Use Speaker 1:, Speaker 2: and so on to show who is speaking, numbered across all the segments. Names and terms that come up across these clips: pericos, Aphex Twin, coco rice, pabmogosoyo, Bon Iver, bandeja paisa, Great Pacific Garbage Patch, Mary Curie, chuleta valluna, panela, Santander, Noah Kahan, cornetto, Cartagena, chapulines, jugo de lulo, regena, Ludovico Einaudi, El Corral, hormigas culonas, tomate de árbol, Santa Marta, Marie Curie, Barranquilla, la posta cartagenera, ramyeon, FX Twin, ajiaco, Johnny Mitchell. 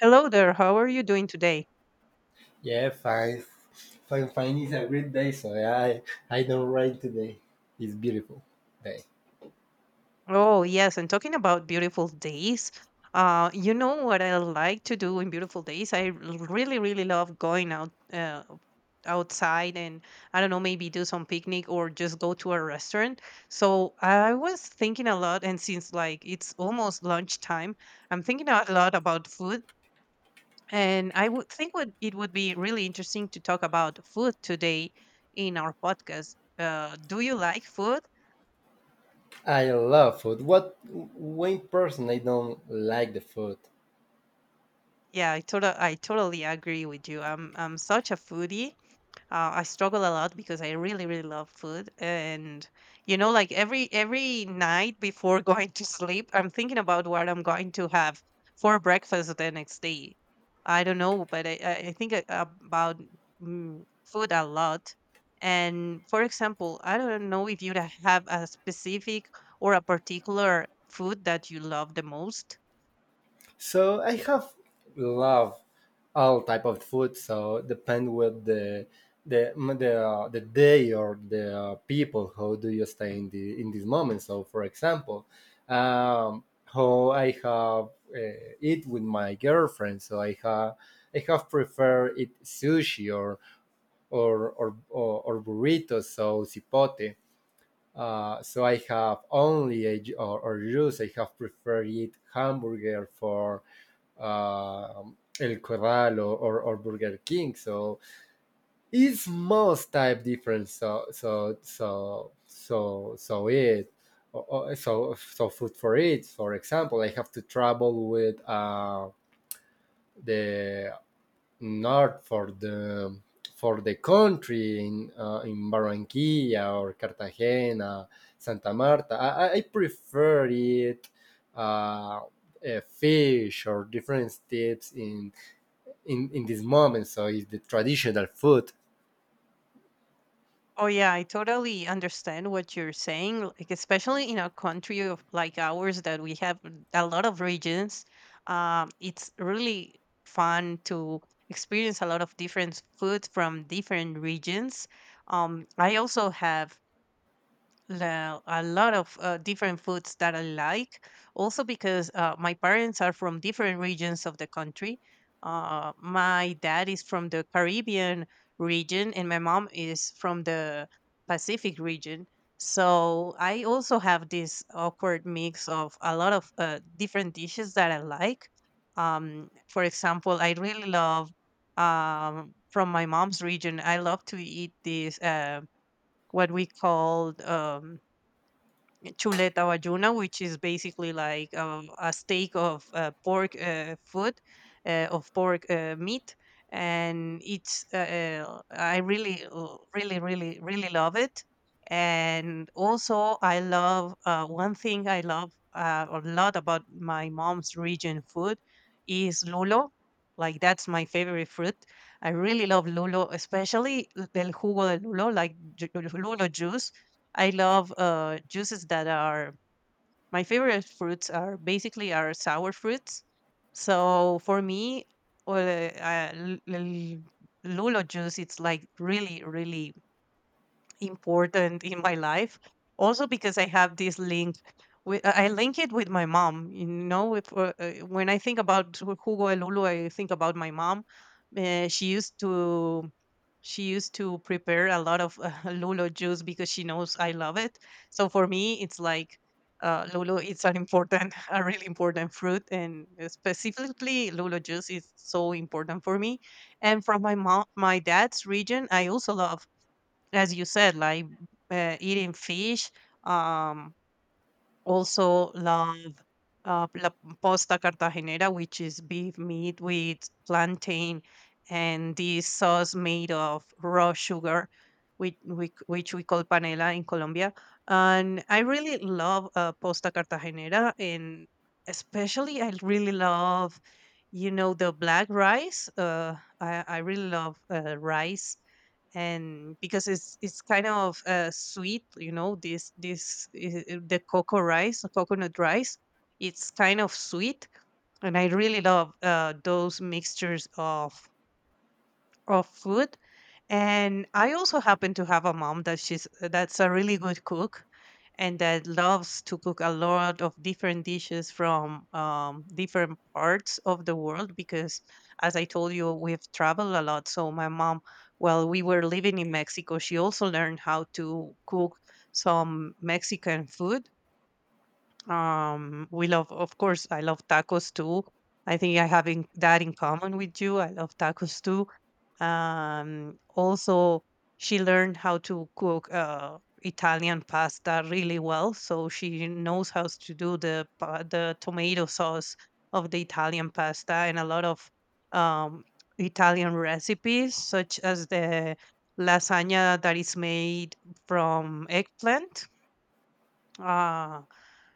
Speaker 1: Hello there. How are you doing today?
Speaker 2: Yeah, fine. Fine, fine. It's a great day, so I don't rain today. It's beautiful day.
Speaker 1: Oh, yes. And talking about beautiful days, you know what I like to do in beautiful days? Really, really love going out outside and I don't know, maybe do some picnic or just go to a restaurant. So I was thinking a lot, and since like it's almost lunchtime, I'm thinking a lot about food. And I would think would be really interesting to talk about food today in our podcast. Do you like food?
Speaker 2: I love food. What one person I don't like the food.
Speaker 1: Yeah, I totally agree with you. I'm such a foodie. I struggle a lot because I really really love food, and like every night before going to sleep, I'm thinking about what I'm going to have for breakfast the next day. I don't know, but about food a lot. And for example, I don't know if you have a specific or a particular food that you love the most.
Speaker 2: So I have love all type of food. So depend with the day or the people. How do you stay in the in this moment? So for example, how I have eat with my girlfriend. So I have. I have preferred it sushi or burritos, so cipote. So I have only a, or juice. I have preferred it hamburger for uh, El Corral or Burger King. So it's most type different. So it food for it. For example, I have to travel with the north for the country in Barranquilla or Cartagena, Santa Marta. I prefer it. Uh, Fish or different tips in this moment. So it's the traditional food.
Speaker 1: Oh yeah, I totally understand what you're saying, like especially in a country of like ours that we have a lot of regions. It's really fun to experience a lot of different food from different regions. I also have a lot of different foods that I like. Also, because my parents are from different regions of the country. My dad is from the Caribbean region, and my mom is from the Pacific region. So I also have this awkward mix of a lot of different dishes that I like. For example, I really love from my mom's region. I love to eat this. What we called chuleta valluna, which is basically like a steak of pork food, of pork meat. And it's, I really, really, really, really love it. And also, I love one thing I love a lot about my mom's region food is lulo. Like, that's my favorite fruit. I really love lulo, especially el jugo de lulo, like lulo juice. I love juices that are my favorite fruits are basically are sour fruits. So for me, or uh, l- l- lulo juice, it's like really, really important in my life. Also because I have this link with I link it with my mom. You know, if, when I think about Hugo Elulu, I think about my mom. Uh, she used to she used to prepare a lot of lulo juice because she knows I love it. So for me, it's like lulo. It's an important, a really important fruit, and specifically lulo juice is so important for me. And from my dad's region, I also love as you said, like eating fish. Um, Also love la posta cartagenera, which is beef meat with plantain and this sauce made of raw sugar, which which we call panela in Colombia. And I really love posta cartagenera, and especially I really love, you know, the black rice. I really love rice and because it's kind of sweet, you know, the cocoa rice, the coconut rice. It's kind of sweet, and I really love those mixtures of food. And I also happen to have a mom that she's that's a really good cook and that loves to cook a lot of different dishes from different parts of the world because as I told you, we've traveled a lot. So my mom, while we were living in Mexico, she also learned how to cook some Mexican food. We love, of course, I love tacos too. I think I have that in common with you. I love tacos too. Also, she learned how to cook Italian pasta really well, so she knows how to do the tomato sauce of the Italian pasta and a lot of um, Italian recipes, such as the lasagna that is made from eggplant. Uh,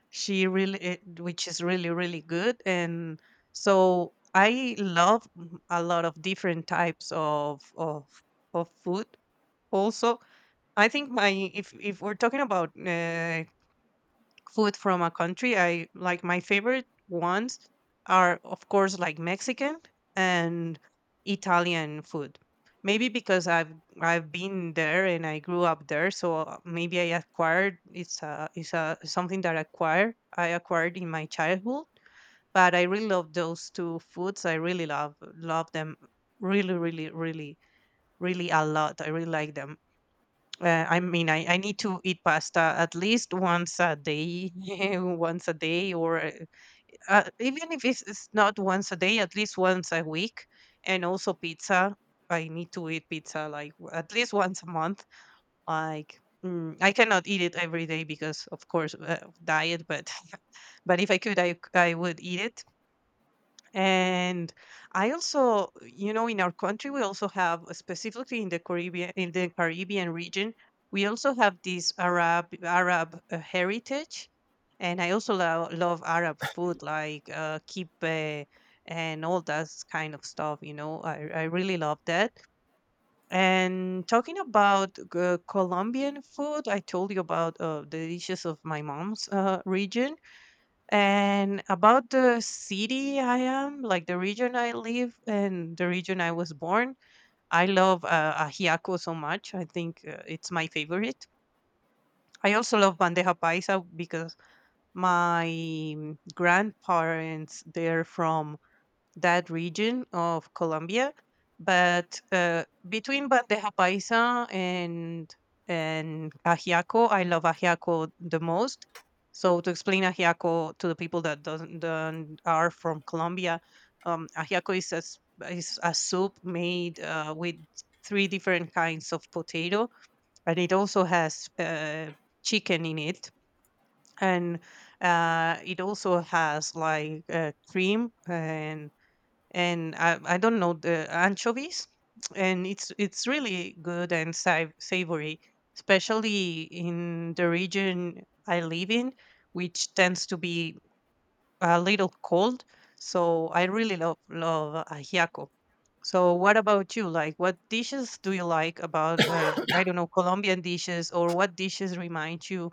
Speaker 1: she really it, which is really, really good. And so I love a lot of different types of of food also. I think my if we're talking about food from a country. I like My favorite ones are, of course, like Mexican and Italian food. Maybe because I've been there and I grew up there, so maybe I acquired it's a something that I acquired in my childhood. But I really love those two foods. I really love love them really really really really a lot. I really like them. I mean, I need to eat pasta at least once a day, once a day, or even if it's not once a day, at least once a week. And also pizza. I need to eat pizza like at least once a month. Like I cannot eat it every day because, of course, of diet. But but if I could, I would eat it. And I also, you know, in our country, we also have, specifically in the Caribbean region, we also have this Arab heritage, and I also love Arab food like kibbeh and all that kind of stuff. You know, I really love that. And talking about Colombian food, I told you about the dishes of my mom's region and about the city I am, like the region I live and the region I was born, I love ajiaco so much. I think it's my favorite. I also love bandeja paisa because my grandparents they're from that region of Colombia. But between bandeja paisa and ajiaco, I love ajiaco the most. So to explain ajiaco to the people that doesn't, don't are from Colombia, ajiaco is is a soup made with three different kinds of potato, and it also has chicken in it, and it also has like cream and I don't know the anchovies, and it's really good and savory, especially in the region I live in, which tends to be a little cold. So I really love love ajiaco. So what about you? Like, what dishes do you like about I don't know Colombian dishes, or what dishes remind you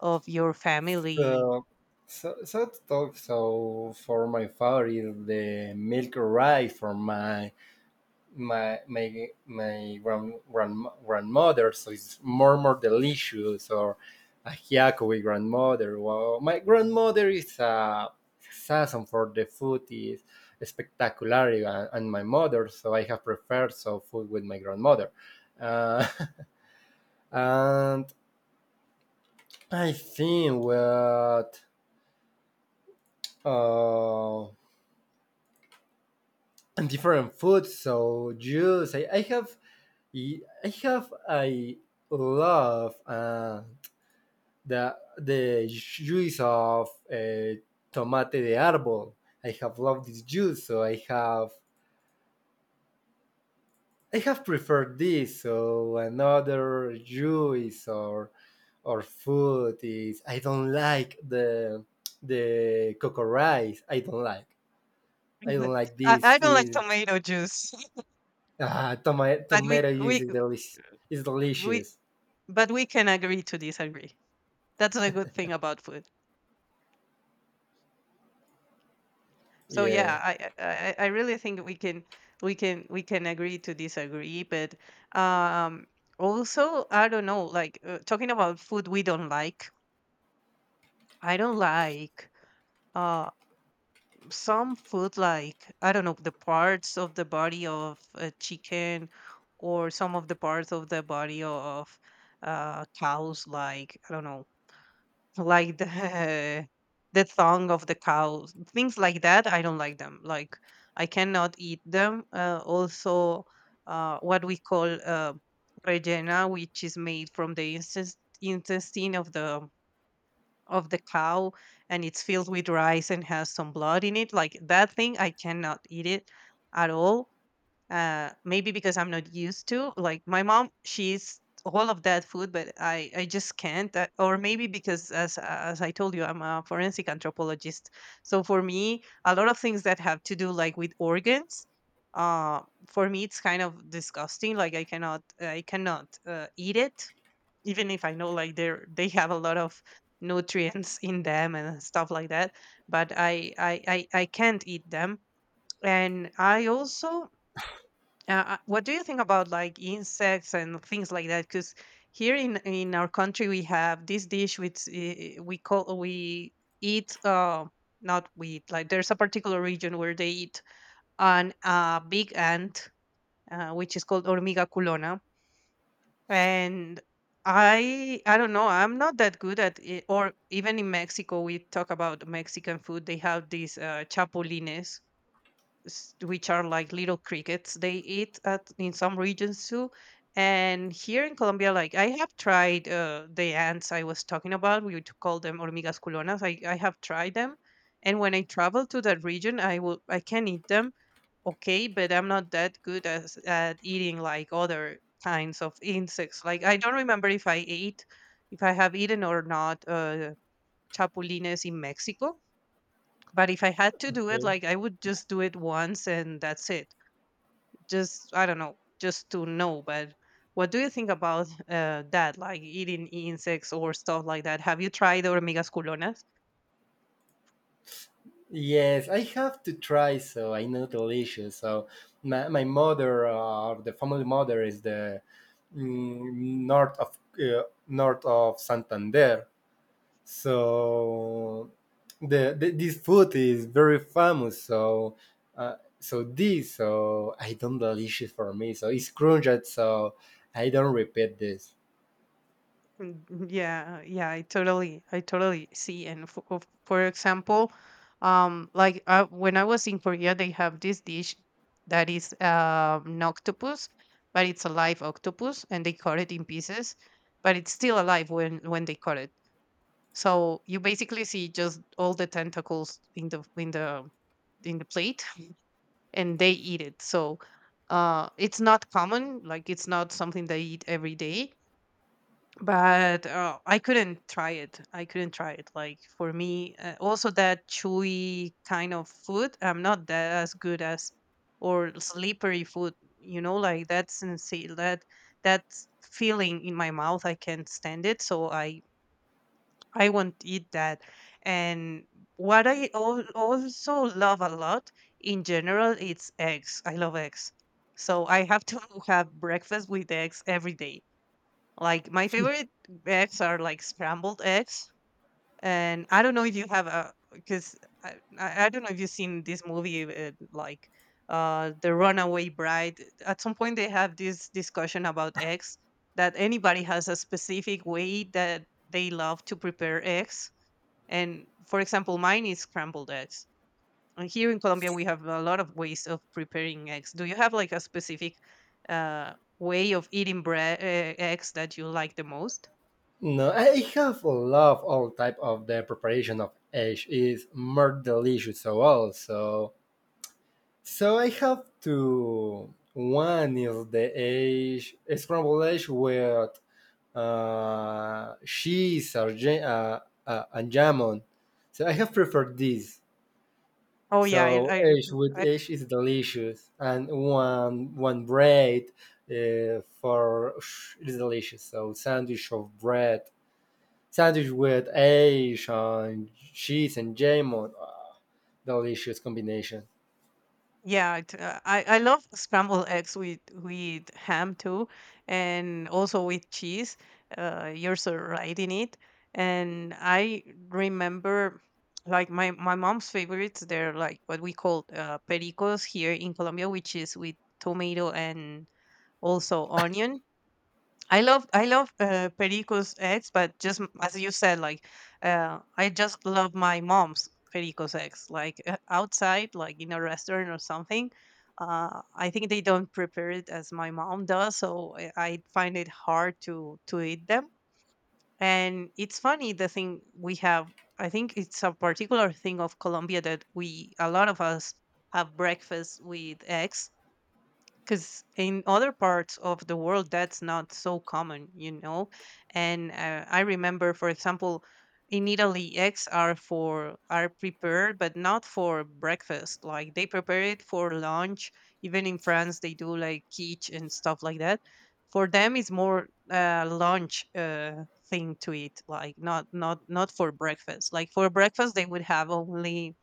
Speaker 1: of your family?
Speaker 2: So, so to talk. So for my father is the milk rice from my grandmother. So it's more delicious. Or ajiaco with grandmother. Well, my grandmother is a season for the food is spectacular, and my mother. So I have preferred so food with my grandmother. Uh, and I think what uh, different foods. So juice. I I love the juice of tomate de árbol. I have loved this juice. So I have preferred this. So another juice or food is I don't like the coco rice. I don't like. I don't like
Speaker 1: I
Speaker 2: this.
Speaker 1: don't like
Speaker 2: Is.
Speaker 1: tomato juice,
Speaker 2: Ah, tomato
Speaker 1: but
Speaker 2: tomato juice is delicious. It's
Speaker 1: we
Speaker 2: delicious.
Speaker 1: but we can agree to disagree. That's the good thing about food. So yeah,
Speaker 2: Yeah.
Speaker 1: I really think we can we can agree to disagree, but um also I don't know, like talking about food we don't like, I don't like uh some food, like I don't know, the parts of the body of a chicken or some of the parts of the body of cows, like I don't know, like the the song of the cow, things like that I don't like them, like I cannot eat them. Also what we call regena, which is made from the intestine of the cow, and it's filled with rice and has some blood in it, like that thing I cannot eat it at all. Maybe because I'm not used to, like my mom she's all of that food, but I just can't. Or maybe because as I told you I'm a forensic anthropologist, so for me a lot of things that have to do like with organs, uh for me it's kind of disgusting, like I cannot eat it, even if I know like they have a lot of nutrients in them and stuff like that. But I can't eat them. And I also, what do you think about like insects and things like that? Because here in our country we have this dish which we call we eat not we eat like there's a particular region where they eat an big ant, which is called hormiga culona. And I don't know, I'm not that good at it. Or even in Mexico, we talk about Mexican food, they have these chapulines, which are like little crickets they eat at in some regions too. And here in Colombia, like I have tried the ants I was talking about, we would call them hormigas culonas. I have tried them, and when I travel to that region, I can eat them. Okay, but I'm not that good as at eating like other kinds of insects. Like I don't remember if I ate, if I have eaten or not, chapulines in Mexico. But if I had to do it,
Speaker 2: Okay.
Speaker 1: like I would just do it once and that's it. Just, I don't know, just to know. But what do you think about that, like eating insects or stuff like that? Have you tried hormigas culonas?
Speaker 2: Yes, I have to try. So I know delicious. So my mother or the family mother is the mm, north of Santander. So the this food is very famous. So so this so I don't delicious for me. So it's crunch. So I don't repeat this.
Speaker 1: Mm, yeah, I totally see. And for example, like when I was in Korea, they have this dish that is an octopus, but it's a live octopus, and they cut it in pieces, but it's still alive when they cut it. So you basically see just all the tentacles in the in the plate, and they eat it. So it's not common, like it's not something they eat every day. But I couldn't try it. I couldn't try it. Like for me, also that chewy kind of food, I'm not that as good as, or slippery food. You know, like that insane, that that feeling in my mouth, I can't stand it. So I won't eat that. And what I also love a lot in general, it's eggs. I love eggs. So I have to have breakfast with eggs every day. Like my favorite eggs are like scrambled eggs. And I don't know if you have a, because I don't know if you've seen this movie, like The Runaway Bride. At some point, they have this discussion about eggs, that anybody has a specific way that they love to prepare eggs, and for example, mine is scrambled eggs. And here in Colombia, we have a lot of ways of preparing eggs. Do you have like a specific uh, way of eating bread eggs that you like the most?
Speaker 2: No, I have love all type of the preparation of egg is more delicious so also. So I have two. One is the egg scrambled egg with cheese or and jamon. So I have preferred this.
Speaker 1: Oh yeah,
Speaker 2: So egg with
Speaker 1: I.
Speaker 2: egg is delicious, and one bread for is delicious. So sandwich of bread. Sandwich with Ash and cheese and jam on, ah, delicious combination.
Speaker 1: Yeah, it, I love scrambled eggs with ham too, and also with cheese. You're so right in it. And I remember, like my mom's favorites, they're like what we call pericos here in Colombia, which is with tomato and also onion. I love Perico's eggs, but just as you said, like I just love my mom's Perico's eggs. Like outside, like in a restaurant or something, I think they don't prepare it as my mom does, so I find it hard to eat them. And it's funny the thing we have. I think it's a particular thing of Colombia, that we, a lot of us, have breakfast with eggs, because in other parts of the world that's not so common, you know. And I remember, for example, in Italy, eggs are prepared, but not for breakfast. Like they prepare it for lunch. Even in France, they do like quiche and stuff like that. For them it's more lunch, thing to eat, like not for breakfast. Like for breakfast they would have only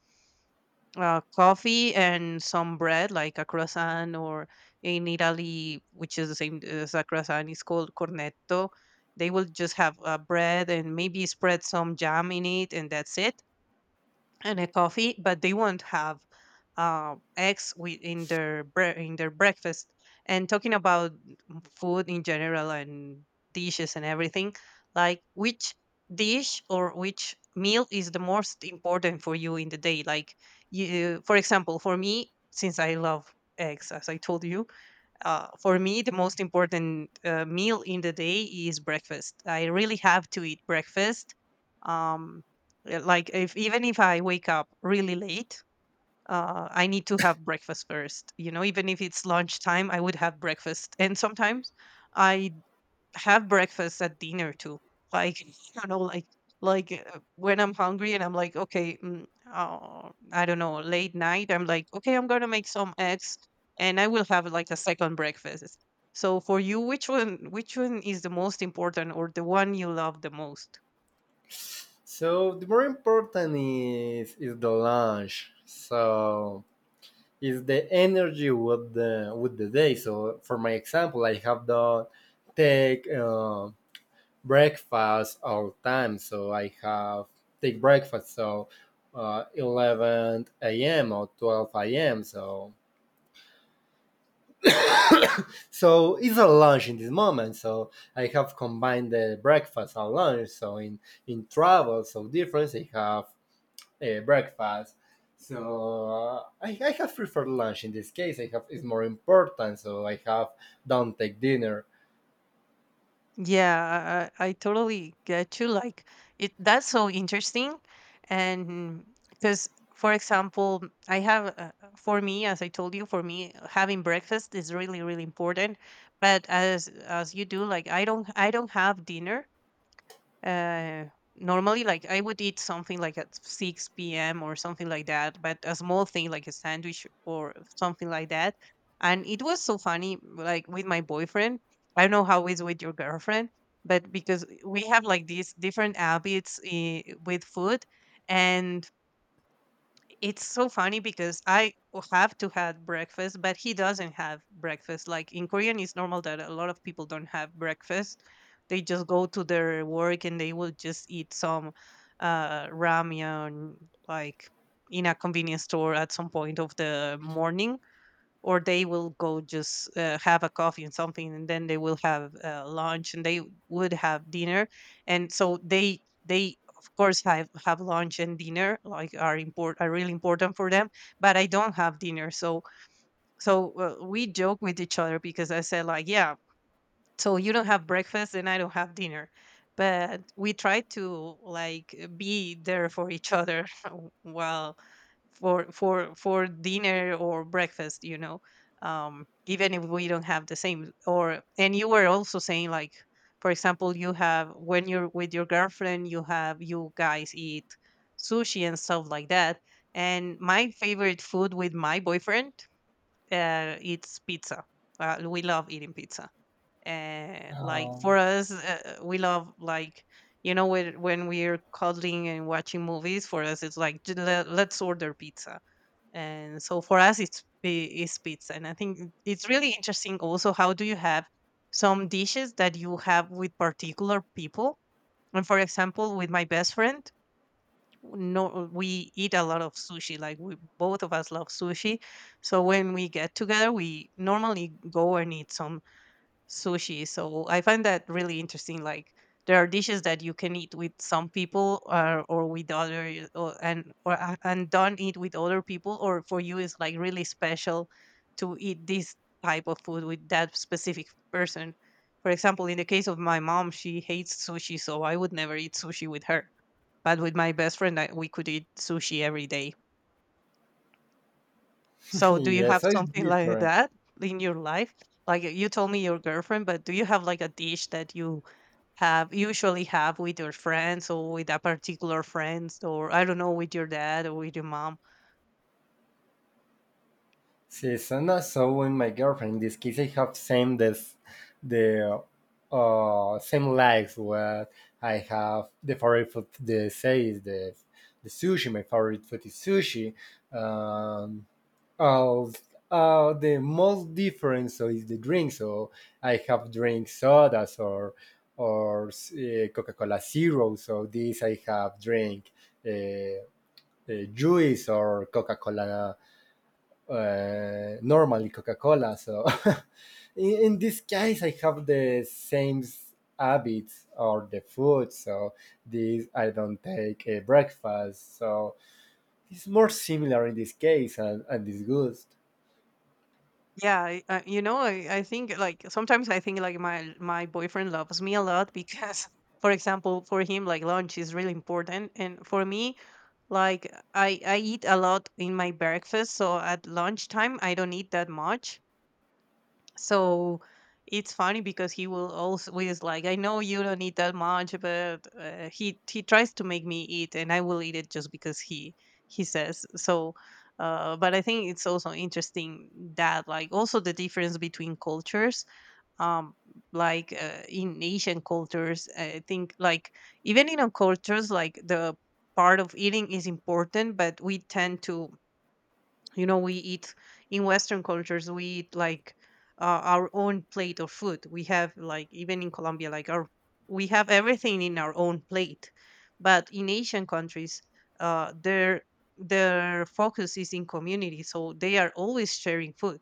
Speaker 1: coffee and some bread, like a croissant. Or in Italy, which is the same as a croissant, it's called cornetto. They will just have bread and maybe spread some jam in it, and that's it, and a coffee, but they won't have eggs with in their in their breakfast. And talking about food in general, and dishes and everything, like which dish or which meal is the most important for you in the day? Like you, for example. For me, since I love eggs, as I told you, for me the most important meal in the day is breakfast. I really have to eat breakfast. Um, like if even if I wake up really late, I need to have breakfast first. You know, even if it's lunchtime, I would have breakfast. And sometimes I have breakfast at dinner too. Like I don't know, like when I'm hungry and I'm like, okay, I don't know, late night, I'm like, okay, I'm gonna make some eggs, and I will have like a second breakfast. So for you, which one, is the most important, or the one you love the most?
Speaker 2: So the more important is the lunch. So is the energy with the day. So for my example, I have done take breakfast all time. So I have take breakfast so 11 a.m. or 12 a.m. So it's a lunch in this moment. So I have combined the breakfast and lunch. So in travel, so difference I have breakfast. So I have preferred lunch in this case. I have it's more important. So I have don't take dinner.
Speaker 1: Yeah, I totally get you. Like it, that's so interesting. And because, for example, I have for me, as I told you, for me having breakfast is really, really important. But as you do, like I don't have dinner uh, normally. Like I would eat something like at 6 p.m. or something like that, but a small thing like a sandwich or something like that. And it was so funny, like with my boyfriend. I don't know how it's with your girlfriend, but because we have like these different habits with food, and it's so funny because I have to have breakfast, but he doesn't have breakfast. Like in Korean, it's normal that a lot of people don't have breakfast. They just go to their work and they will just eat some ramyeon, like in a convenience store at some point of the morning, or they will go just have a coffee and something, and then they will have lunch, and they would have dinner. And so they, of course, have lunch and dinner, like, are important, are really important for them. But I don't have dinner. So we joke with each other, because I said like, yeah, so you don't have breakfast and I don't have dinner, but we try to like be there for each other while for dinner or breakfast, you know. Um, even if we don't have the same. Or, and you were also saying like, for example, you have, when you're with your girlfriend, you have, you guys eat sushi and stuff like that. And my favorite food with my boyfriend, it's pizza. We love eating pizza. Like
Speaker 2: Oh.
Speaker 1: for us, we love like, you know, when, we're cuddling and watching movies, for us it's like, Let's order pizza." And so for us it's it's pizza. And I think it's really interesting also how do you have some dishes that you have with particular people. And for example, with my best friend, no, we eat a lot of sushi. Like we, both of us love sushi, so when we get together we normally go and eat some sushi. So I find that really interesting. Like there are dishes that you can eat with some people or, with other, y- or, and or a- and don't eat with other people, or for you it's like really special to eat this type of food with that specific person. For example, in the case of my mom, she hates sushi, so I would never eat sushi with her. But with my best friend, we could eat sushi every day. So do you
Speaker 2: Yes,
Speaker 1: have
Speaker 2: so it's
Speaker 1: something like
Speaker 2: different.
Speaker 1: that in your life? Like you told me your girlfriend, but do you have like a dish that you have usually have with your friends, or with a particular friends, or I don't know, with your dad or with your mom?
Speaker 2: Sí, suena so when my girlfriend. In this case, I have same this the same likes what I have. The favorite food they say is the sushi. My favorite food is sushi. Um, all the most different so is the drink. So I have drink sodas or Coca Cola Zero. So this I have drink uh, juice or Coca Cola, normally Coca-Cola. So in this case, I have the same habits or the food. So this I don't take a breakfast. So it's more similar in this case and this gust.
Speaker 1: Yeah, you know, I think, like sometimes I think like my boyfriend loves me a lot because for example, for him like lunch is really important, and for me, like I eat a lot in my breakfast, so at lunchtime I don't eat that much. So it's funny because he will always like, I know you don't eat that much, but he tries to make me eat, and I will eat it just because he says so. But I think it's also interesting that like also the difference between cultures. Um, like in Asian cultures, I think like even in our cultures, like the part of eating is important, but we tend to, you know, we eat, in Western cultures we eat like our own plate of food. We have like, even in Colombia, like our, we have everything in our own plate. But in Asian countries, their focus is in community, so they are always sharing food.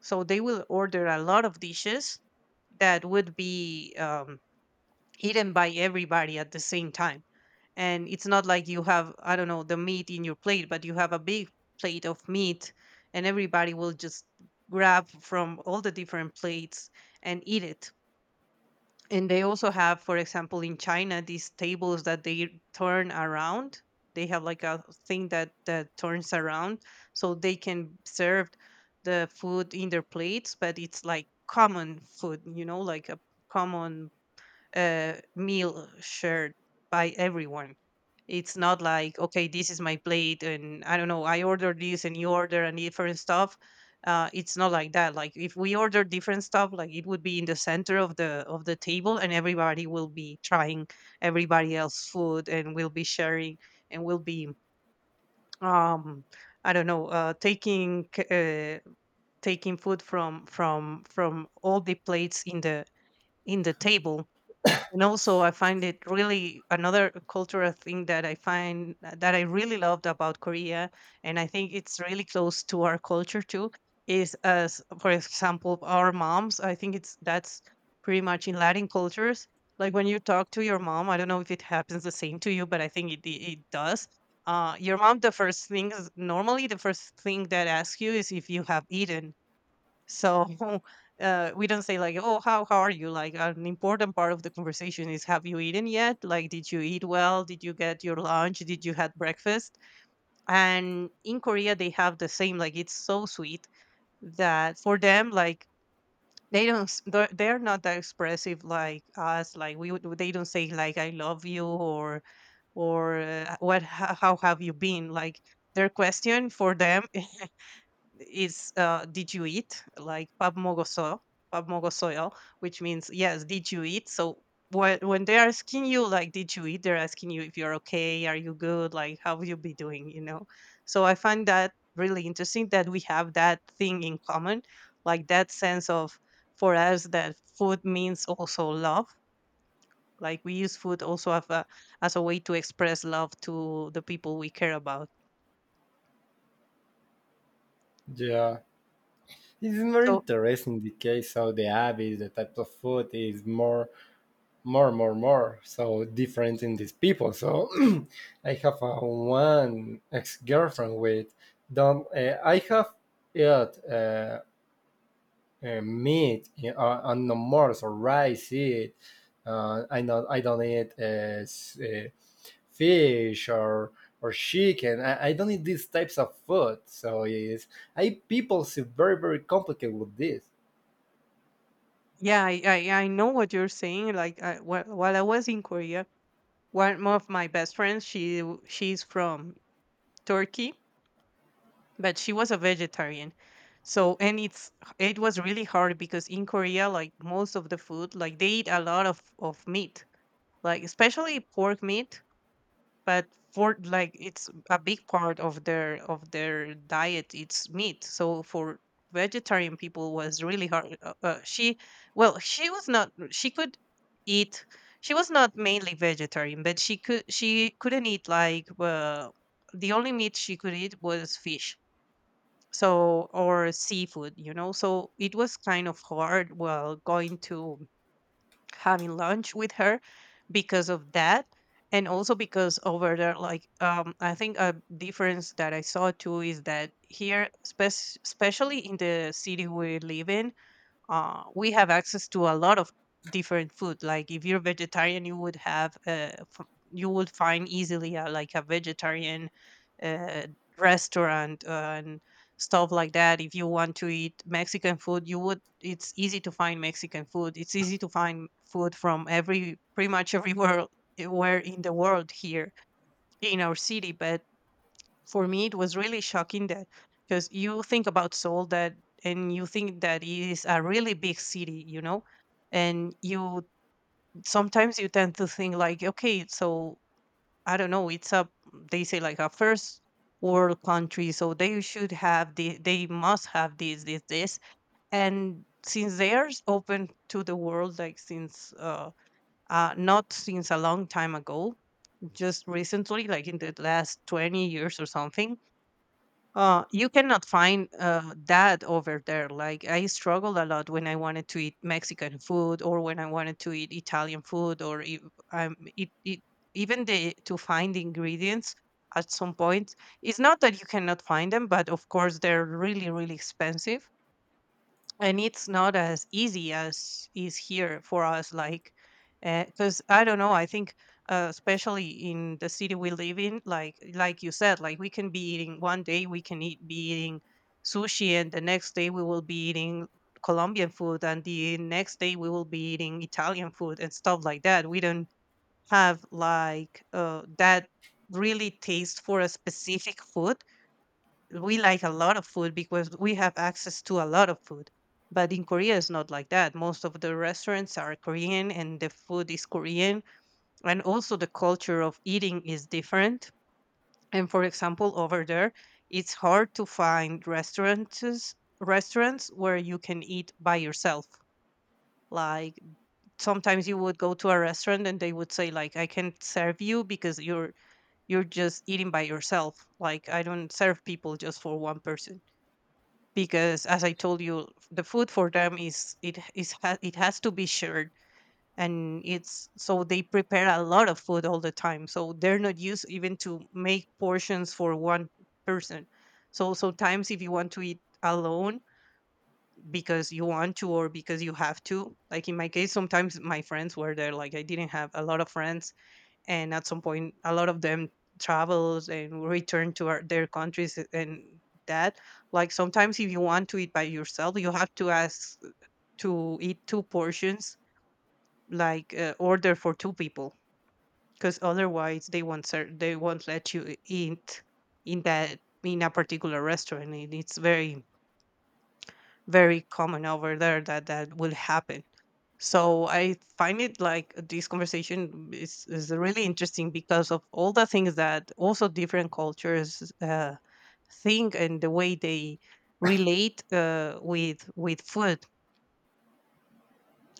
Speaker 1: So they will order a lot of dishes that would be eaten by everybody at the same time. And it's not like you have, I don't know, the meat in your plate, but you have a big plate of meat, and everybody will just grab from all the different plates and eat it. And they also have, for example, in China, these tables that they turn around. They have like a thing that turns around, so they can serve the food in their plates, but it's like common food, you know, like a common meal shared by everyone. It's not like, okay, this is my plate, and I don't know, I order this and you order and different stuff. It's not like that. Like if we order different stuff, like it would be in the center of the table, and everybody will be trying everybody else's food, and we'll be sharing, and um, I don't know, taking food from from all the plates in the table. And also, I find it really another cultural thing that I find that I really loved about Korea, and I think it's really close to our culture too. Is as for example, our moms. I think it's that's pretty much in Latin cultures. Like when you talk to your mom, I don't know if it happens the same to you, but I think it does. Your mom, the first thing that asks you is if you have eaten so we don't say like, "Oh, how are you?" Like an important part of the conversation is, "Have you eaten yet? Like, did you eat well? Did you get your lunch? Did you had breakfast?" And in Korea, they have the same. Like, it's so sweet that for them, like they don't s- they're not that expressive like us. Like they don't say like, "I love you" or how have you been like their question for them is did you eat like pabmogosoyo pabmogosoyo, which means yes did you eat. So when they're asking you like did you eat, they're asking you if you're okay, are you good, like how you be doing, you know. So I find that really interesting that we have that thing in common, like that sense of for us that food means also love. Like we use food also as as a way to express love to the people we care about
Speaker 2: Yeah, it's more
Speaker 1: so.
Speaker 2: interesting the case. So the habits, the type of food is more. So different in these people. So I have a one ex girlfriend with don't. I have it meat and no more. So rice it. I not. I don't eat fish or chicken. I don't eat these types of food. So it's I people see very complicated with this.
Speaker 1: Yeah, I know what you're saying. Like while I was in Korea, one of my best friends, she's from Turkey, but she was a vegetarian. So and it was really hard because in Korea, like most of the food, like they eat a lot of meat, like especially pork meat. But for like it's a big part of their diet, it's meat. So for vegetarian people was really hard. She, well she was not, she could eat, she was not mainly vegetarian, but she couldn't eat like, the only meat she could eat was fish so, or seafood, you know. So it was kind of hard while going to having lunch with her because of that. And also because over there, like I think a difference that I saw too is that here especially in the city we live in, we have access to a lot of different food. Like if you're vegetarian, you would have you would find easily like a vegetarian uh, restaurant and stuff like that. If you want to eat Mexican food, you would. It's easy to find Mexican food. It's easy to find food from every pretty much everywhere where in the world here in our city. But for me it was really shocking that because you think about Seoul that, and you think that it is a really big city, you know. And you sometimes you tend to think like, okay, so I don't know, it's a, they say like a first world country, so they should have the, they must have this, this, this. And since they are open to the world, like since not since a long time ago, just recently like in the last 20 years or something, you cannot find that over there. Like I struggled a lot when I wanted to eat Mexican food or when I wanted to eat Italian food or um, it, it, even the to find the ingredients at some point. It's not that you cannot find them, but of course they're really really expensive, and it's not as easy as is here for us. Like because I don't know, I think especially in the city we live in, like you said, like we can be eating one day, we can eat be eating sushi, and the next day we will be eating Colombian food, and the next day we will be eating Italian food, and stuff like that. We don't have like that really taste for a specific food. We like a lot of food because we have access to a lot of food. But in Korea, it's not like that. Most of the restaurants are Korean and the food is Korean. And also, the culture of eating is different. And for example, over there, it's hard to find restaurants where you can eat by yourself, like sometimes you would go to a restaurant and they would say like, I can't serve you because you're just eating by yourself, like I don't serve people just for one person. Because as I told you, the food for them is it has to be shared. And it's so they prepare a lot of food all the time, so they're not used even to make portions for one person. So sometimes if you want to eat alone because you want to or because you have to, like in my case sometimes my friends were there, like I didn't have a lot of friends, and at some point a lot of them travels and return to their countries and that. Like sometimes if you want to eat by yourself, you have to ask to eat two portions, like order for two people, because otherwise they won't let you eat in that in a particular restaurant. And it's very very common over there that that will happen. So I find it like this conversation is really interesting because of all the things that also different cultures think and the way they relate with food.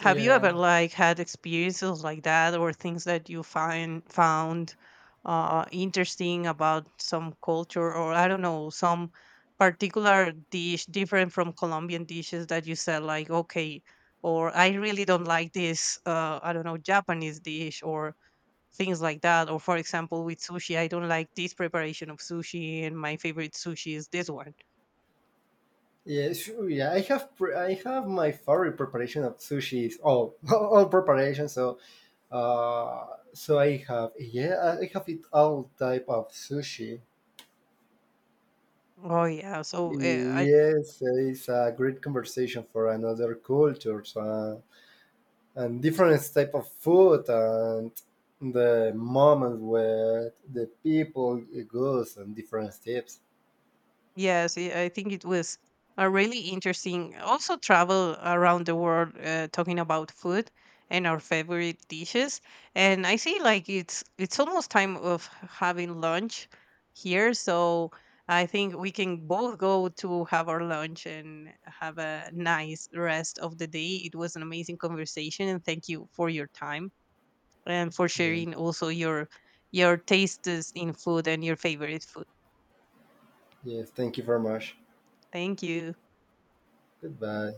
Speaker 1: Have you ever
Speaker 2: Yeah.
Speaker 1: like had experiences like that or things that you find found interesting about some culture or I don't know, some particular dish different from Colombian dishes that you said like, okay, or I really don't like this I don't know, Japanese dish or things like that. Or for example, with sushi, I don't like this preparation of sushi, and my favorite sushi is this one.
Speaker 2: Yeah, sure. Yeah, I have I have my favorite preparation of sushi is all all preparation. So uh, so I have, yeah, I have it all type of sushi.
Speaker 1: Oh yeah, so I.
Speaker 2: Yes, it's a great conversation for another cultures and different type of food and the moment where the people goes and different steps.
Speaker 1: Yes, I think it was a really interesting also travel around the world talking about food and our favorite dishes. And I see like it's almost time of having lunch here, so I think we can both go to have our lunch and have a nice rest of the day. It was an amazing conversation and thank you for your time and for
Speaker 2: Yeah,
Speaker 1: sharing also your tastes in food and your favorite food.
Speaker 2: yes. Thank you very much.
Speaker 1: Thank you.
Speaker 2: Goodbye.